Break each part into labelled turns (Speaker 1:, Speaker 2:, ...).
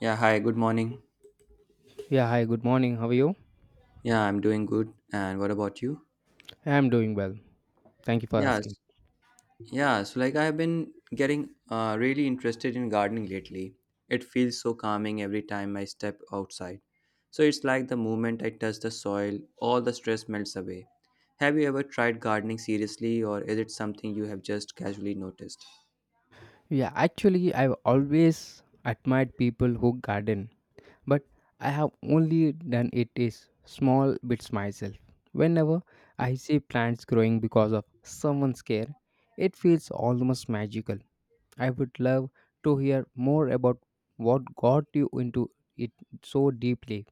Speaker 1: Yeah, hi, good morning.
Speaker 2: Yeah, hi, good morning. How are you?
Speaker 1: Yeah, I'm doing good. And what about you?
Speaker 2: I'm doing well. Thank you for
Speaker 1: Yes.
Speaker 2: asking.
Speaker 1: So I've been getting really interested in gardening lately. It feels so calming every time I step outside. So it's like the moment I touch the soil, all the stress melts away. Have you ever tried gardening seriously, or is it something you have just casually noticed?
Speaker 2: Yeah, actually, I've always admired people who garden, but I have only done it is small bits myself. Whenever I see plants growing because of someone's care, it feels almost magical. I would love to hear more about what got you into it so deeply.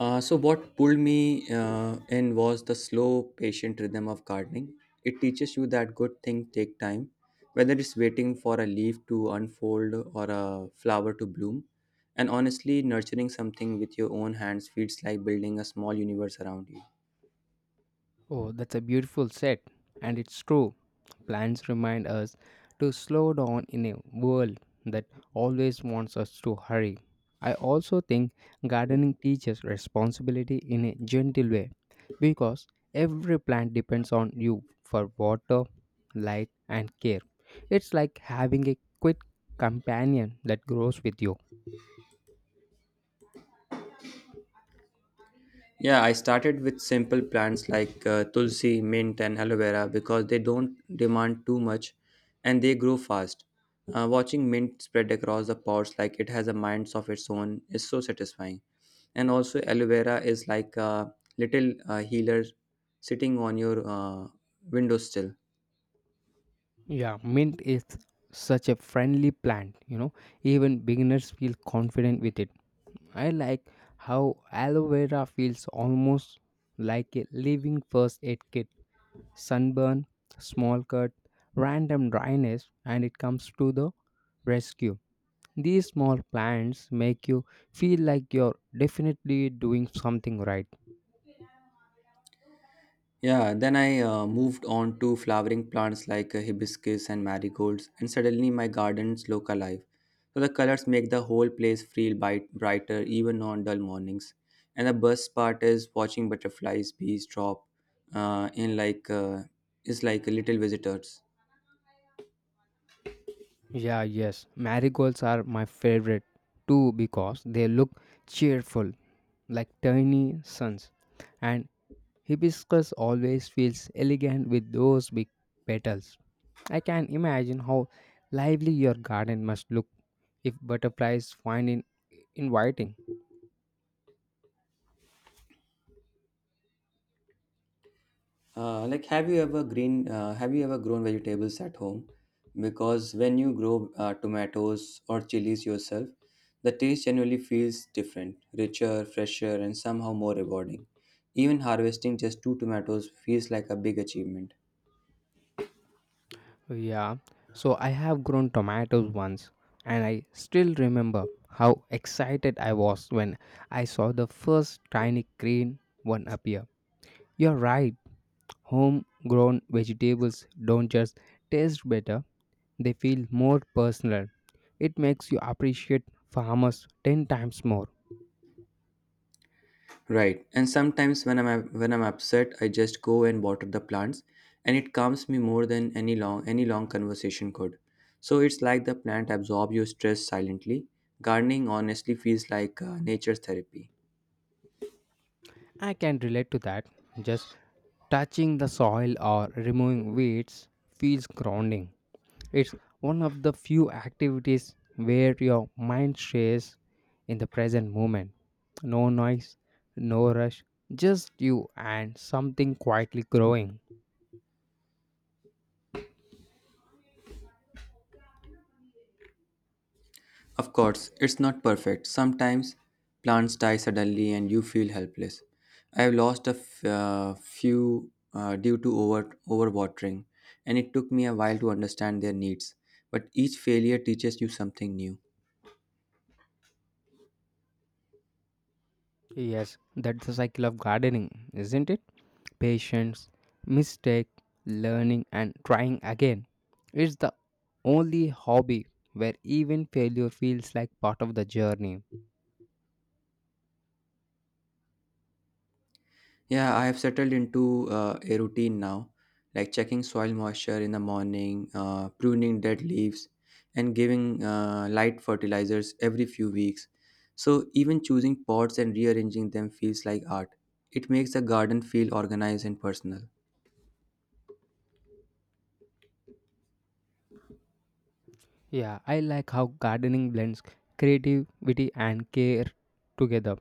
Speaker 1: What pulled me in was the slow, patient rhythm of gardening. It teaches you that good things take time, whether it's waiting for a leaf to unfold or a flower to bloom. And honestly, nurturing something with your own hands feels like building a small universe around you.
Speaker 2: Oh, that's a beautiful set. And it's true. Plants remind us to slow down in a world that always wants us to hurry. I also think gardening teaches responsibility in a gentle way because every plant depends on you for water, light, and care. It's like having a quit companion that grows with you.
Speaker 1: Yeah, I started with simple plants like tulsi, mint, and aloe vera because they don't demand too much and they grow fast. Watching mint spread across the pots like it has a mind of its own is so satisfying. And also, aloe vera is like a little healer sitting on your windowsill.
Speaker 2: Yeah, mint is such a friendly plant, even beginners feel confident with it. I like how aloe vera feels almost like a living first aid kit. Sunburn, small cut, random dryness, and it comes to the rescue. These small plans make you feel like you're definitely doing something right.
Speaker 1: Yeah, then I moved on to flowering plants like hibiscus and marigolds, and suddenly my gardens look alive. So the colors make the whole place feel brighter even on dull mornings. And the best part is watching butterflies, bees drop in is like little visitors.
Speaker 2: Yeah, yes, marigolds are my favorite too because they look cheerful, like tiny suns, and hibiscus always feels elegant with those big petals. I can imagine how lively your garden must look if butterflies find it inviting.
Speaker 1: Have you ever green? Have you ever grown vegetables at home? Because when you grow tomatoes or chilies yourself, the taste generally feels different, richer, fresher, and somehow more rewarding. Even harvesting just two tomatoes feels like a big achievement.
Speaker 2: Yeah, so I have grown tomatoes once, and I still remember how excited I was when I saw the first tiny green one appear. You're right, homegrown vegetables don't just taste better, they feel more personal. It makes you appreciate farmers 10 times more.
Speaker 1: Right. And sometimes when I'm upset, I just go and water the plants and it calms me more than any long conversation could. So it's like the plant absorb your stress silently. Gardening honestly feels like nature's therapy.
Speaker 2: I can relate to that. Just touching the soil or removing weeds feels grounding. It's one of the few activities where your mind stays in the present moment. No noise, no rush, just you and something quietly growing.
Speaker 1: Of course, it's not perfect. Sometimes plants die suddenly and you feel helpless. I have lost a few due to overwatering and it took me a while to understand their needs. But each failure teaches you something new.
Speaker 2: Yes, that's the cycle of gardening, isn't it? Patience, mistake, learning, and trying again. It's the only hobby where even failure feels like part of the journey.
Speaker 1: Yeah, I have settled into a routine now, like checking soil moisture in the morning, pruning dead leaves, and giving light fertilizers every few weeks. So, even choosing pots and rearranging them feels like art. It makes the garden feel organized and personal.
Speaker 2: Yeah, I like how gardening blends creativity and care together.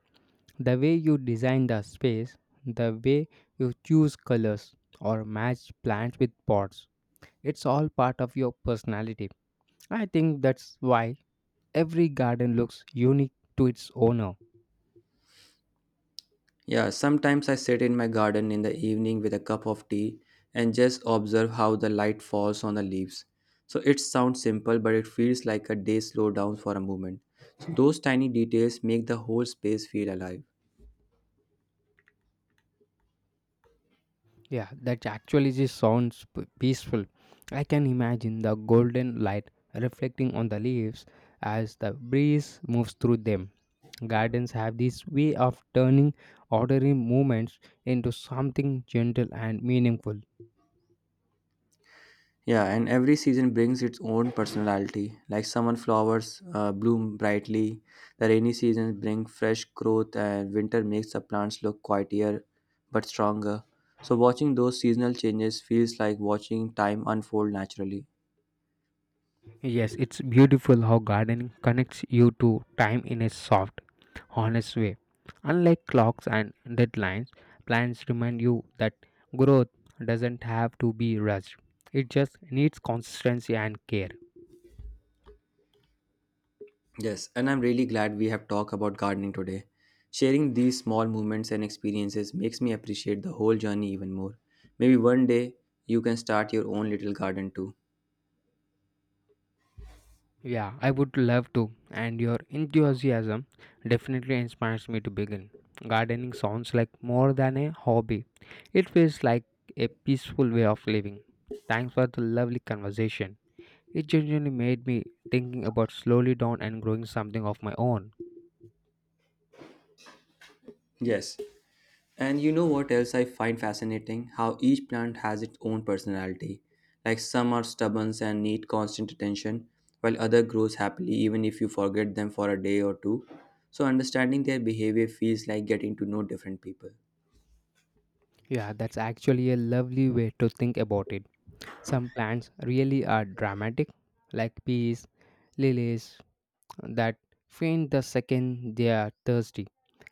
Speaker 2: The way you design the space, the way you choose colors or match plants with pots, it's all part of your personality. I think that's why every garden looks unique to its owner.
Speaker 1: Yeah, sometimes I sit in my garden in the evening with a cup of tea and just observe how the light falls on the leaves. So it sounds simple, but it feels like a day slowed down for a moment. So those tiny details make the whole space feel alive.
Speaker 2: Yeah, that actually just sounds peaceful. I can imagine the golden light reflecting on the leaves as the breeze moves through them. Gardens have this way of turning ordinary movements into something gentle and meaningful.
Speaker 1: Yeah, and every season brings its own personality. Like summer flowers bloom brightly, the rainy seasons bring fresh growth, and winter makes the plants look quieter but stronger. So watching those seasonal changes feels like watching time unfold naturally.
Speaker 2: Yes, it's beautiful how gardening connects you to time in a soft, honest way. Unlike clocks and deadlines, plants remind you that growth doesn't have to be rushed. It just needs consistency and care.
Speaker 1: Yes, and I'm really glad we have talked about gardening today. Sharing these small moments and experiences makes me appreciate the whole journey even more. Maybe one day you can start your own little garden too.
Speaker 2: Yeah, I would love to, and your enthusiasm definitely inspires me to begin. Gardening sounds like more than a hobby, it feels like a peaceful way of living. Thanks for the lovely conversation. It genuinely made me thinking about slowly down and growing something of my own.
Speaker 1: Yes, and you know what else I find fascinating? How each plant has its own personality. Like some are stubborn and need constant attention, while other grows happily even if you forget them for a day or two. So understanding their behavior feels like getting to know different people.
Speaker 2: Yeah, that's actually a lovely way to think about it. Some plants really are dramatic, like peas, lilies, that faint the second they are thirsty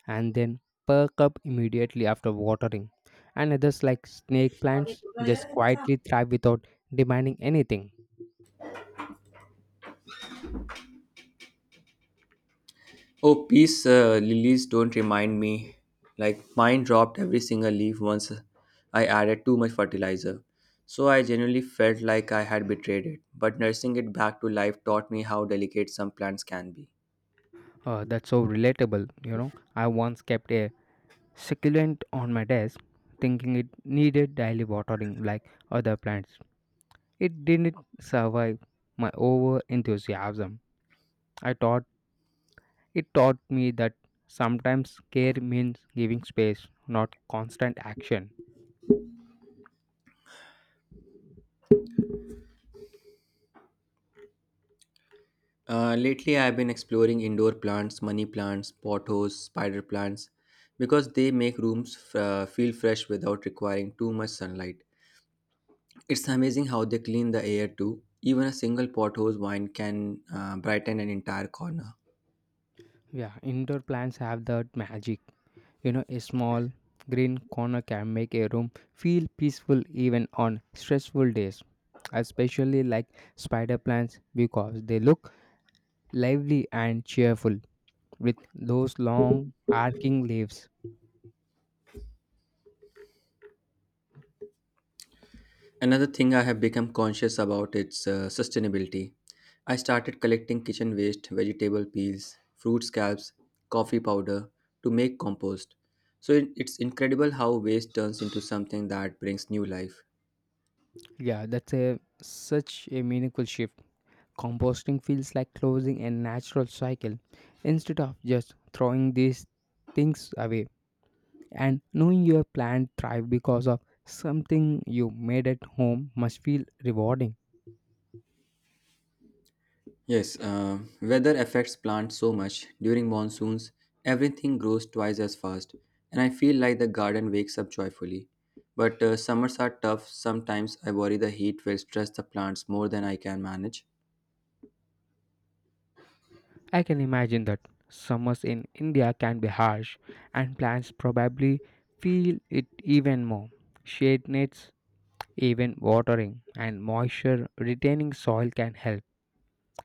Speaker 2: and then perk up immediately after watering. And others, like snake plants, just quietly thrive without demanding anything.
Speaker 1: Oh, peace lilies don't remind me. Like mine dropped every single leaf once I added too much fertilizer. So I genuinely felt like I had betrayed it. But nursing it back to life taught me how delicate some plants can be.
Speaker 2: That's so relatable. I once kept a succulent on my desk, thinking it needed daily watering like other plants. It didn't survive my over enthusiasm. I thought It taught me that sometimes care means giving space, not constant action.
Speaker 1: Lately, I've been exploring indoor plants, money plants, pothos, spider plants, because they make rooms feel fresh without requiring too much sunlight. It's amazing how they clean the air too. Even a single pothose vine can brighten an entire corner.
Speaker 2: Yeah, indoor plants have that magic. A small green corner can make a room feel peaceful even on stressful days. I especially like spider plants because they look lively and cheerful with those long arcing leaves.
Speaker 1: Another thing I have become conscious about is sustainability. I started collecting kitchen waste, vegetable peels, fruit scraps, coffee powder to make compost. So it's incredible how waste turns into something that brings new life.
Speaker 2: Yeah, that's a such a meaningful shift. Composting feels like closing a natural cycle instead of just throwing these things away, and knowing your plant thrive because of something you made at home must feel rewarding.
Speaker 1: Yes, weather affects plants so much. During monsoons, everything grows twice as fast, and I feel like the garden wakes up joyfully. But summers are tough. Sometimes I worry the heat will stress the plants more than I can manage.
Speaker 2: I can imagine that summers in India can be harsh, and plants probably feel it even more. Shade nets. Even watering and moisture retaining soil can help.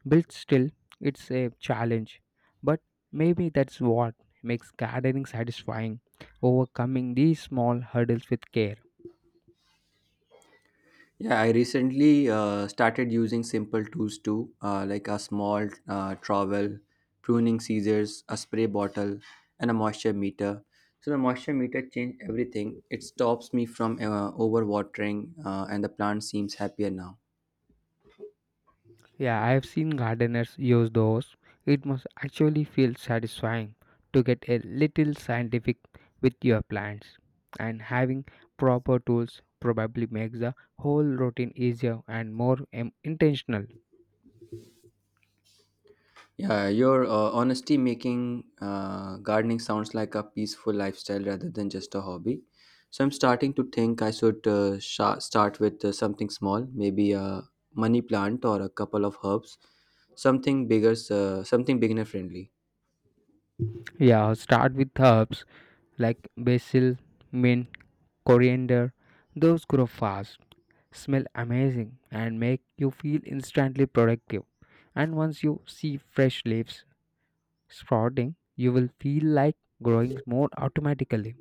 Speaker 2: But still, it's a challenge. But maybe that's what makes gardening satisfying, overcoming these small hurdles with care.
Speaker 1: Yeah, I recently started using simple tools too, like a small trowel, pruning scissors, a spray bottle, and a moisture meter. So the moisture meter changed everything. It stops me from overwatering, and the plant seems happier now.
Speaker 2: Yeah, I have seen gardeners use those. It must actually feel satisfying to get a little scientific with your plants. And having proper tools probably makes the whole routine easier and more intentional.
Speaker 1: Yeah, your honesty making gardening sounds like a peaceful lifestyle rather than just a hobby. So I'm starting to think I should sha start with something small, maybe a money plant or a couple of herbs, something bigger, something beginner friendly.
Speaker 2: Yeah, start with herbs like basil, mint, coriander. Those grow fast, smell amazing, and make you feel instantly productive. And once you see fresh leaves sprouting, you will feel like growing more automatically.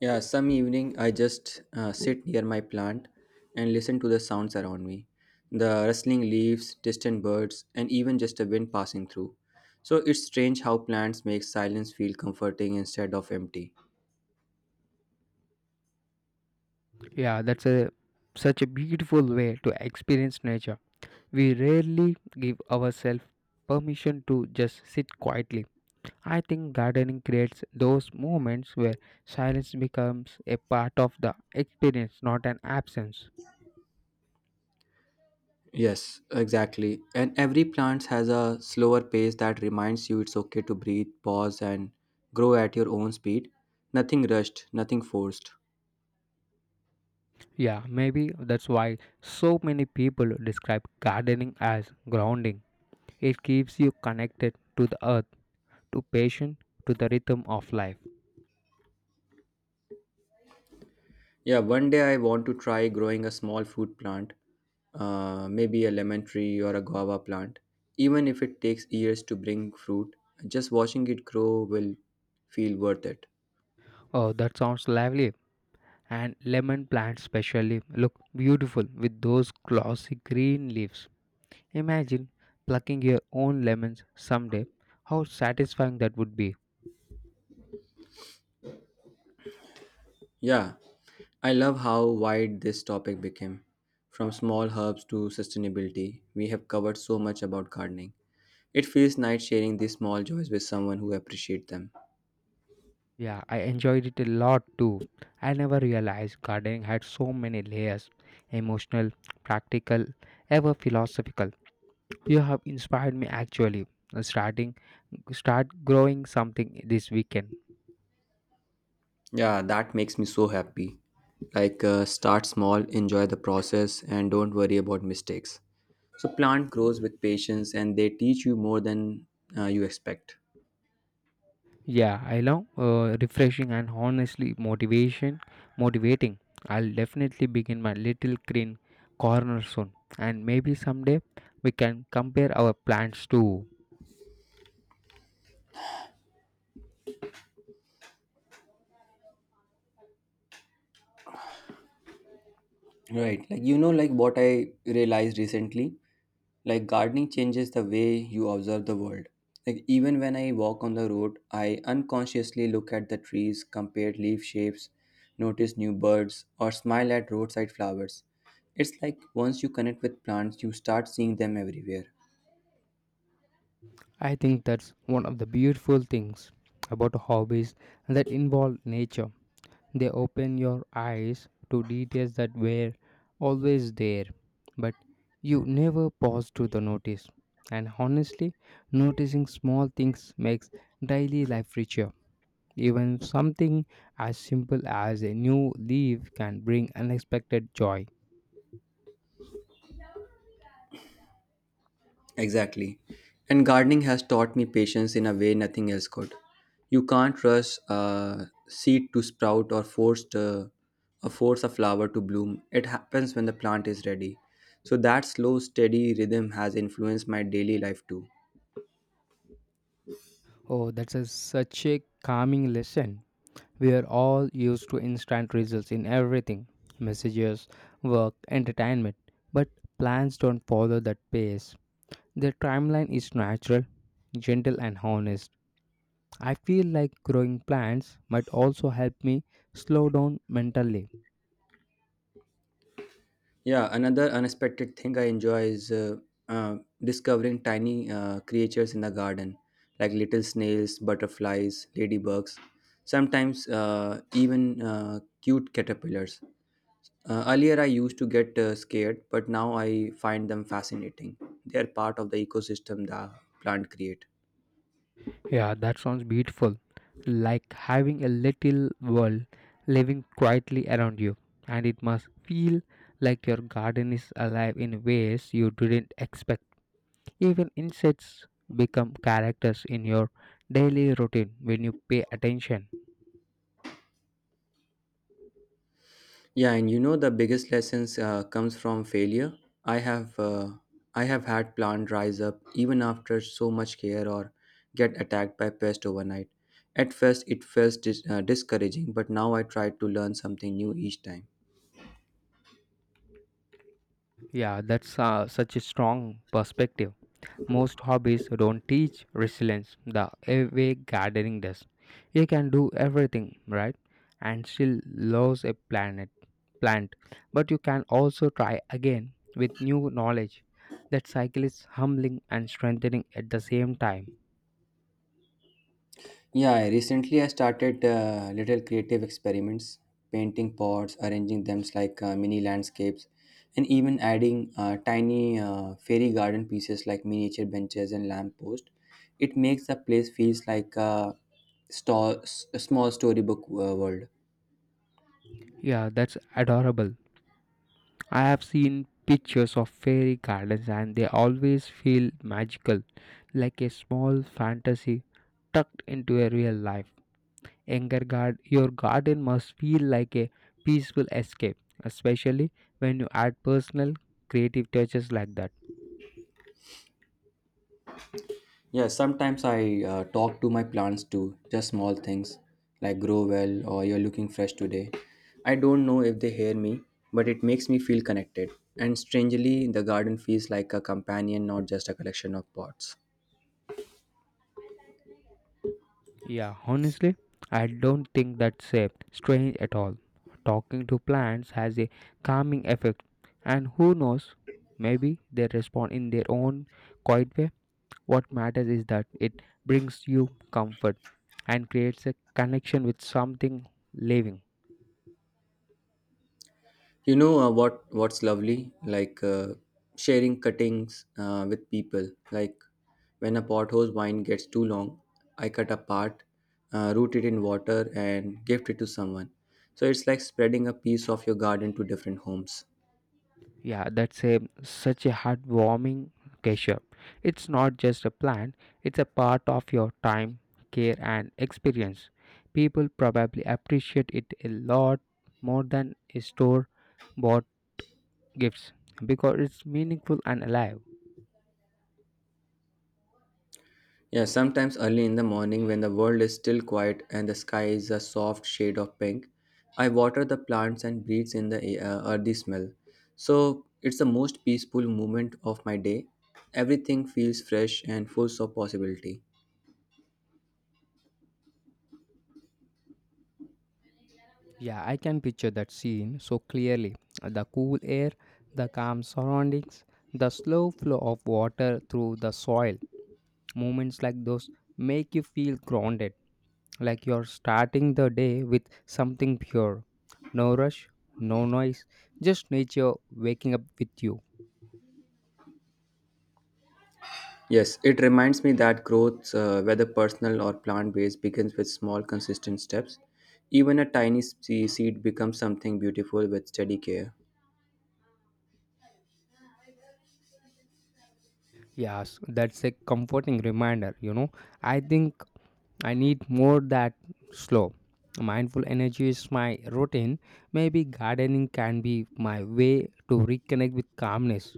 Speaker 1: Yeah, some evening I just sit near my plant and listen to the sounds around me the rustling leaves, distant birds, and even just a wind passing through. So it's strange how plants make silence feel comforting instead of empty.
Speaker 2: Yeah, that's a such a beautiful way to experience nature. We rarely give ourselves permission to just sit quietly. I think gardening creates those moments where silence becomes a part of the experience, not an absence.
Speaker 1: Yes, exactly. And every plant has a slower pace that reminds you it's okay to breathe, pause, and grow at your own speed. Nothing rushed, nothing forced.
Speaker 2: Yeah, maybe that's why so many people describe gardening as grounding. It keeps you connected to the earth, to passion, to the rhythm of life.
Speaker 1: Yeah, one day I want to try growing a small fruit plant, maybe a lemon tree or a guava plant. Even if it takes years to bring fruit, just watching it grow will feel worth it.
Speaker 2: Oh, that sounds lovely. And lemon plants, especially, look beautiful with those glossy green leaves. Imagine plucking your own lemons someday. How satisfying that would be.
Speaker 1: Yeah, I love how wide this topic became. From small herbs to sustainability, we have covered so much about gardening. It feels nice sharing these small joys with someone who appreciates them.
Speaker 2: Yeah, I enjoyed it a lot too. I never realized gardening had so many layers: emotional, practical, ever philosophical. You have inspired me actually. Uh, Starting start growing something this weekend.
Speaker 1: Yeah, that makes me so happy. Start small, enjoy the process, and don't worry about mistakes. So, plant grows with patience and they teach you more than you expect.
Speaker 2: Yeah, I love refreshing and honestly motivating. I'll definitely begin my little green corner soon, and maybe someday we can compare our plans too.
Speaker 1: Right. Like, you know, like what I realized recently, like gardening changes the way you observe the world. Like, even when I walk on the road, I unconsciously look at the trees, compare leaf shapes, notice new birds, or smile at roadside flowers. It's like once you connect with plants, you start seeing them everywhere.
Speaker 2: I think that's one of the beautiful things about hobbies that involve nature. They open your eyes to details that were always there, but you never pause to the notice. And honestly, noticing small things makes daily life richer. Even something as simple as a new leaf can bring unexpected joy.
Speaker 1: Exactly. And gardening has taught me patience in a way nothing else could. You can't rush a seed to sprout or force a flower to bloom. It happens when the plant is ready. So that slow, steady rhythm has influenced my daily life too.
Speaker 2: Oh, that's a, such a calming lesson. We are all used to instant results in everything: messages, work, entertainment. But plans don't follow that pace. Their timeline is natural, gentle, and honest. I feel like growing plants might also help me slow down mentally.
Speaker 1: Yeah, another unexpected thing I enjoy is discovering tiny creatures in the garden, like little snails, butterflies, ladybugs, sometimes even cute caterpillars. Earlier, I used to get scared, but now I find them fascinating. They are part of the ecosystem the plant create.
Speaker 2: Yeah, that sounds beautiful. Like having a little world living quietly around you, and it must feel like your garden is alive in ways you didn't expect. Even insects become characters in your daily routine when you pay attention.
Speaker 1: Yeah, and you know the biggest lessons comes from failure. I have uh, I have had plant rise up even after so much care or get attacked by pest overnight. At first, it felt discouraging, but now I try to learn something new each time.
Speaker 2: Yeah, that's such a strong perspective. Most hobbies don't teach resilience the way gardening does. You can do everything, right? And still lose a planet plant. But you can also try again with new knowledge. That cycle is humbling and strengthening at the same time.
Speaker 1: Yeah, I started little creative experiments, painting pots, arranging them like mini landscapes, and even adding tiny fairy garden pieces like miniature benches and lamppost. It makes the place feels like a small storybook world.
Speaker 2: Yeah, that's adorable. I have seen pictures of fairy gardens and they always feel magical, like a small fantasy tucked into a real life. Anger guard your garden must feel like a peaceful escape, especially when you add personal creative touches like that.
Speaker 1: Yeah, sometimes I talk to my plants too, just small things like grow well or you're looking fresh today. I don't know if they hear me, but it makes me feel connected. And strangely, the garden feels like a companion, not just a collection of pots.
Speaker 2: Yeah, honestly, I don't think that's strange at all. Talking to plants has a calming effect, and who knows, maybe they respond in their own quiet way. What matters is that it brings you comfort and creates a connection with something living.
Speaker 1: What's lovely? Sharing cuttings with people. Like when a pothole's vine gets too long, I cut a part, root it in water, and gift it to someone. So it's like spreading a piece of your garden to different homes.
Speaker 2: Yeah, that's a such a heartwarming gesture. It's not just a plan, it's a part of your time, care and experience. People probably appreciate it a lot more than store bought gifts because it's meaningful and alive.
Speaker 1: Yeah, sometimes early in the morning when the world is still quiet and the sky is a soft shade of pink, I water the plants and breathe in the earthy smell. So it's the most peaceful moment of my day. Everything feels fresh and full of possibility.
Speaker 2: Yeah, I can picture that scene so clearly. The cool air, the calm surroundings, the slow flow of water through the soil. Moments like those make you feel grounded. Like you're starting the day with something pure. No rush, no noise, just nature waking up with you.
Speaker 1: Yes, it reminds me that growth, whether personal or plant based, begins with small, consistent steps. Even a tiny seed becomes something beautiful with steady care.
Speaker 2: Yes, that's a comforting reminder. I think I need more that slow. Mindful energy is my routine. Maybe gardening can be my way to reconnect with calmness.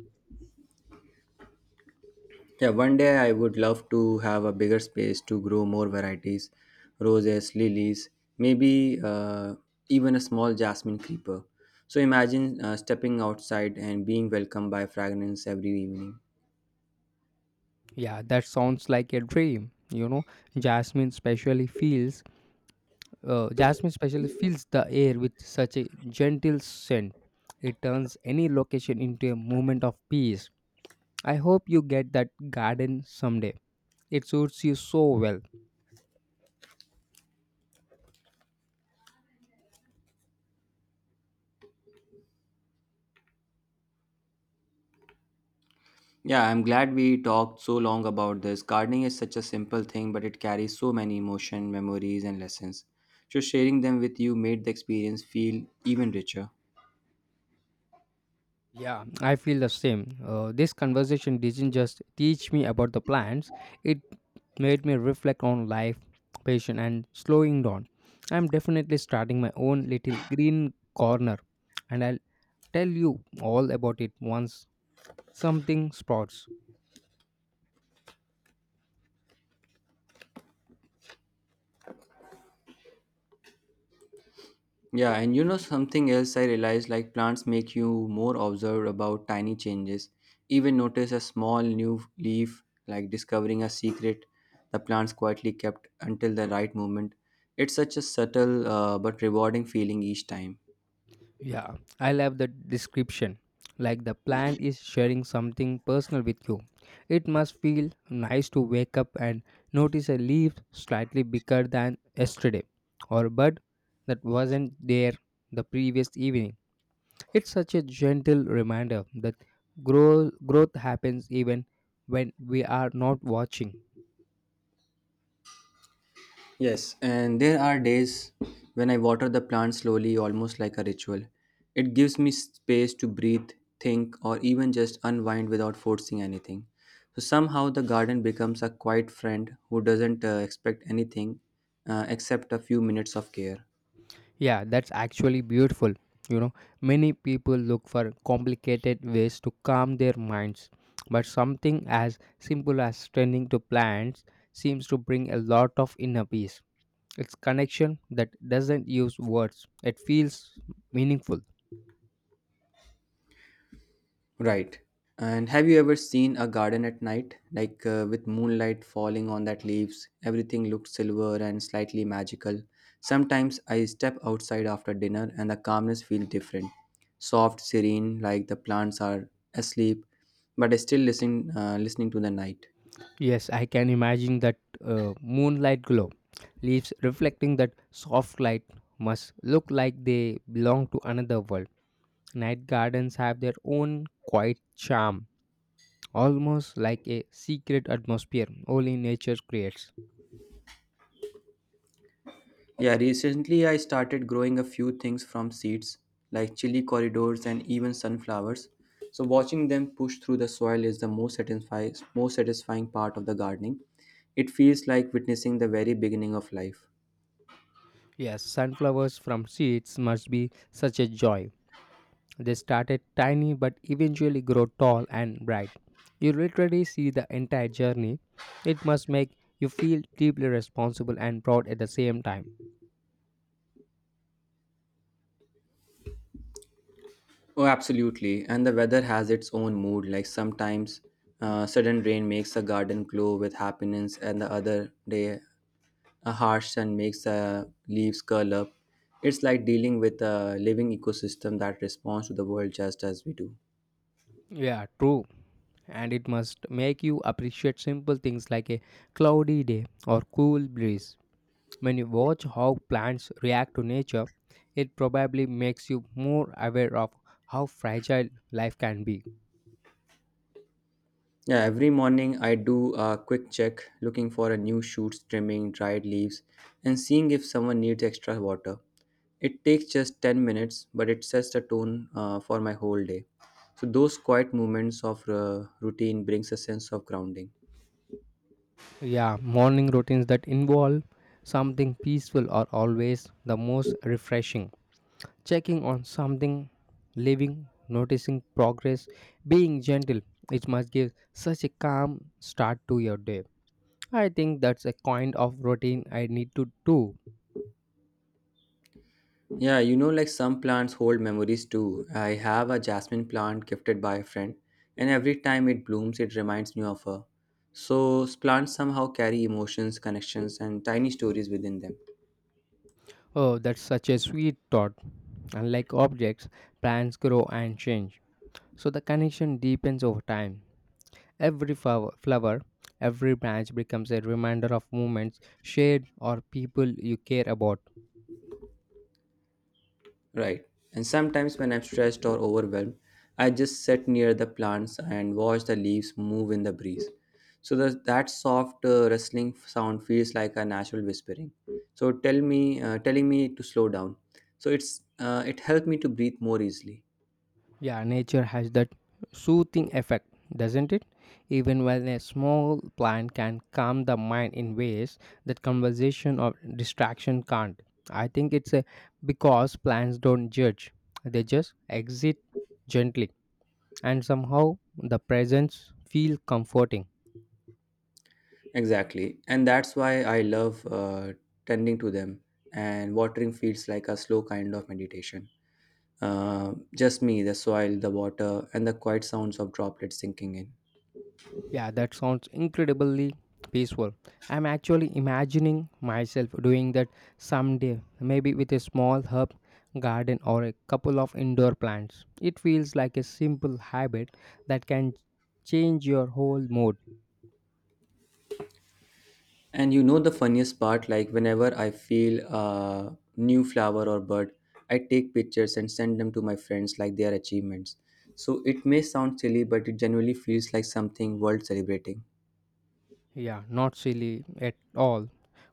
Speaker 1: Yeah, one day I would love to have a bigger space to grow more varieties, roses, lilies, maybe even a small jasmine creeper. So imagine stepping outside and being welcomed by fragrance every evening.
Speaker 2: Yeah, that sounds like a dream. Jasmine especially feels jasmine especially fills the air with such a gentle scent. It turns any location into a moment of peace. I hope you get that garden someday. It suits you so well.
Speaker 1: Yeah, I'm glad we talked so long about this. Gardening is such a simple thing, but it carries so many emotion, memories, and lessons. So sharing them with you made the experience feel even richer.
Speaker 2: Yeah, I feel the same. This conversation didn't just teach me about the plants, it made me reflect on life, patience, and slowing down. I'm definitely starting my own little green corner, and I'll tell you all about it once something sprouts.
Speaker 1: Yeah, and you know something else I realized like plants make you more observed about tiny changes. Even notice a small new leaf, like discovering a secret the plants quietly kept until the right moment. It's such a subtle but rewarding feeling each time.
Speaker 2: Yeah, I love the description. Like the plant is sharing something personal with you. It must feel nice to wake up and notice a leaf slightly bigger than yesterday or a bud that wasn't there the previous evening. It's such a gentle reminder that growth happens even when we are not watching.
Speaker 1: Yes, and there are days when I water the plant slowly, almost like a ritual. It gives me space to breathe, think, or even just unwind without forcing anything. So somehow the garden becomes a quiet friend who doesn't expect anything except a few minutes of care.
Speaker 2: Yeah, that's actually beautiful. You know, many people look for complicated ways to calm their minds, but something as simple as tending to plants seems to bring a lot of inner peace. It's connection that doesn't use words, it feels meaningful.
Speaker 1: Right. And have you ever seen a garden at night, like with moonlight falling on that leaves? Everything looked silver and slightly magical. Sometimes I step outside after dinner and the calmness feels different. Soft, serene, like the plants are asleep, but I still listening to the night.
Speaker 2: Yes, I can imagine that moonlight glow. Leaves reflecting that soft light must look like they belong to another world. Night gardens have their own quiet charm almost like a secret atmosphere only nature creates.
Speaker 1: Yeah, recently I started growing a few things from seeds, like chili corridors and even sunflowers. So watching them push through the soil is the most satisfying part of the gardening. It feels like witnessing the very beginning of life.
Speaker 2: Yes, sunflowers from seeds must be such a joy. They started tiny but eventually grow tall and bright. You literally see the entire journey. It must make you feel deeply responsible and proud at the same time.
Speaker 1: Oh, absolutely. And the weather has its own mood. Like sometimes sudden rain makes a garden glow with happiness, and the other day a harsh sun makes the leaves curl up. It's like dealing with a living ecosystem that responds to the world just as we do.
Speaker 2: Yeah, true. And it must make you appreciate simple things like a cloudy day or cool breeze. When you watch how plants react to nature, it probably makes you more aware of how fragile life can be.
Speaker 1: Yeah, every morning I do a quick check looking for a new shoots, trimming, dried leaves, and seeing if someone needs extra water. It takes just 10 minutes, but it sets the tone for my whole day. So those quiet moments of routine brings a sense of grounding.
Speaker 2: Yeah, morning routines that involve something peaceful are always the most refreshing. Checking on something living, noticing progress, being gentle, it must give such a calm start to your day. I think that's a kind of routine I need to do.
Speaker 1: Yeah, you know, like some plants hold memories too. I have a jasmine plant gifted by a friend, and every time it blooms, it reminds me of her. So, plants somehow carry emotions, connections, and tiny stories within them.
Speaker 2: Oh, that's such a sweet thought. Unlike objects, plants grow and change. So the connection deepens over time. Every flower, every branch becomes a reminder of moments shared or people you care about.
Speaker 1: Right. And sometimes when I'm stressed or overwhelmed, I just sit near the plants and watch the leaves move in the breeze. So, that soft rustling sound feels like a natural whispering. So, telling me to slow down. So, it's it helped me to breathe more easily.
Speaker 2: Yeah, nature has that soothing effect, doesn't it? Even when a small plant can calm the mind in ways that conversation or distraction can't. I think it's a because plants don't judge, they just exit gently, and somehow the presence feel comforting.
Speaker 1: Exactly. And that's why I love tending to them. And watering feels like a slow kind of meditation. Just me, the soil, the water, and the quiet sounds of droplets sinking in.
Speaker 2: Yeah, that sounds incredibly peaceful. I'm actually imagining myself doing that someday, maybe with a small herb garden or a couple of indoor plants. It feels like a simple habit that can change your whole mood.
Speaker 1: And you know the funniest part, like whenever I feel a new flower or bird, I take pictures and send them to my friends like they are achievements. So it may sound silly, but it genuinely feels like something worth celebrating.
Speaker 2: Yeah, not silly at all.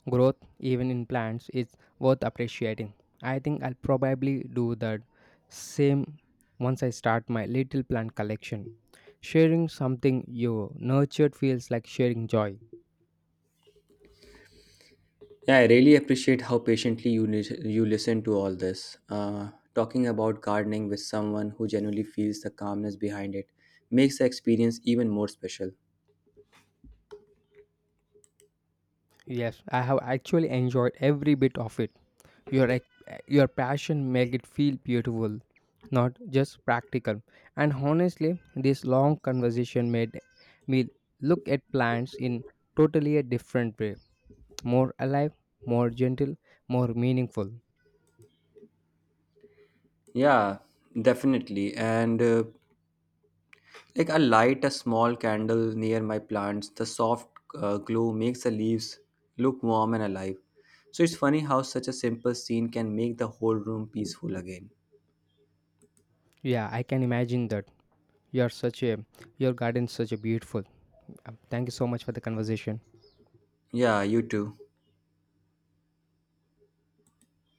Speaker 2: Growth, even in plants, is worth appreciating. I think I'll probably do that same once I start my little plant collection. Sharing something you nurtured feels like sharing joy.
Speaker 1: Yeah, I really appreciate how patiently you listen to all this. Uh, Talking about gardening with someone who genuinely feels the calmness behind it makes the experience even more special.
Speaker 2: Yes, I have actually enjoyed every bit of it. Your ex- your passion make it feel beautiful, not just practical. And honestly, this long conversation made me look at plants in totally a different way, more alive, more gentle, more meaningful.
Speaker 1: Yeah, definitely. And like I light a small candle near my plants, the soft glow makes the leaves look warm and alive. So it's funny how such a simple scene can make the whole room peaceful again.
Speaker 2: Yeah, I can imagine that. You're such a your garden's such a beautiful. Thank you so much for the conversation.
Speaker 1: Yeah, you too.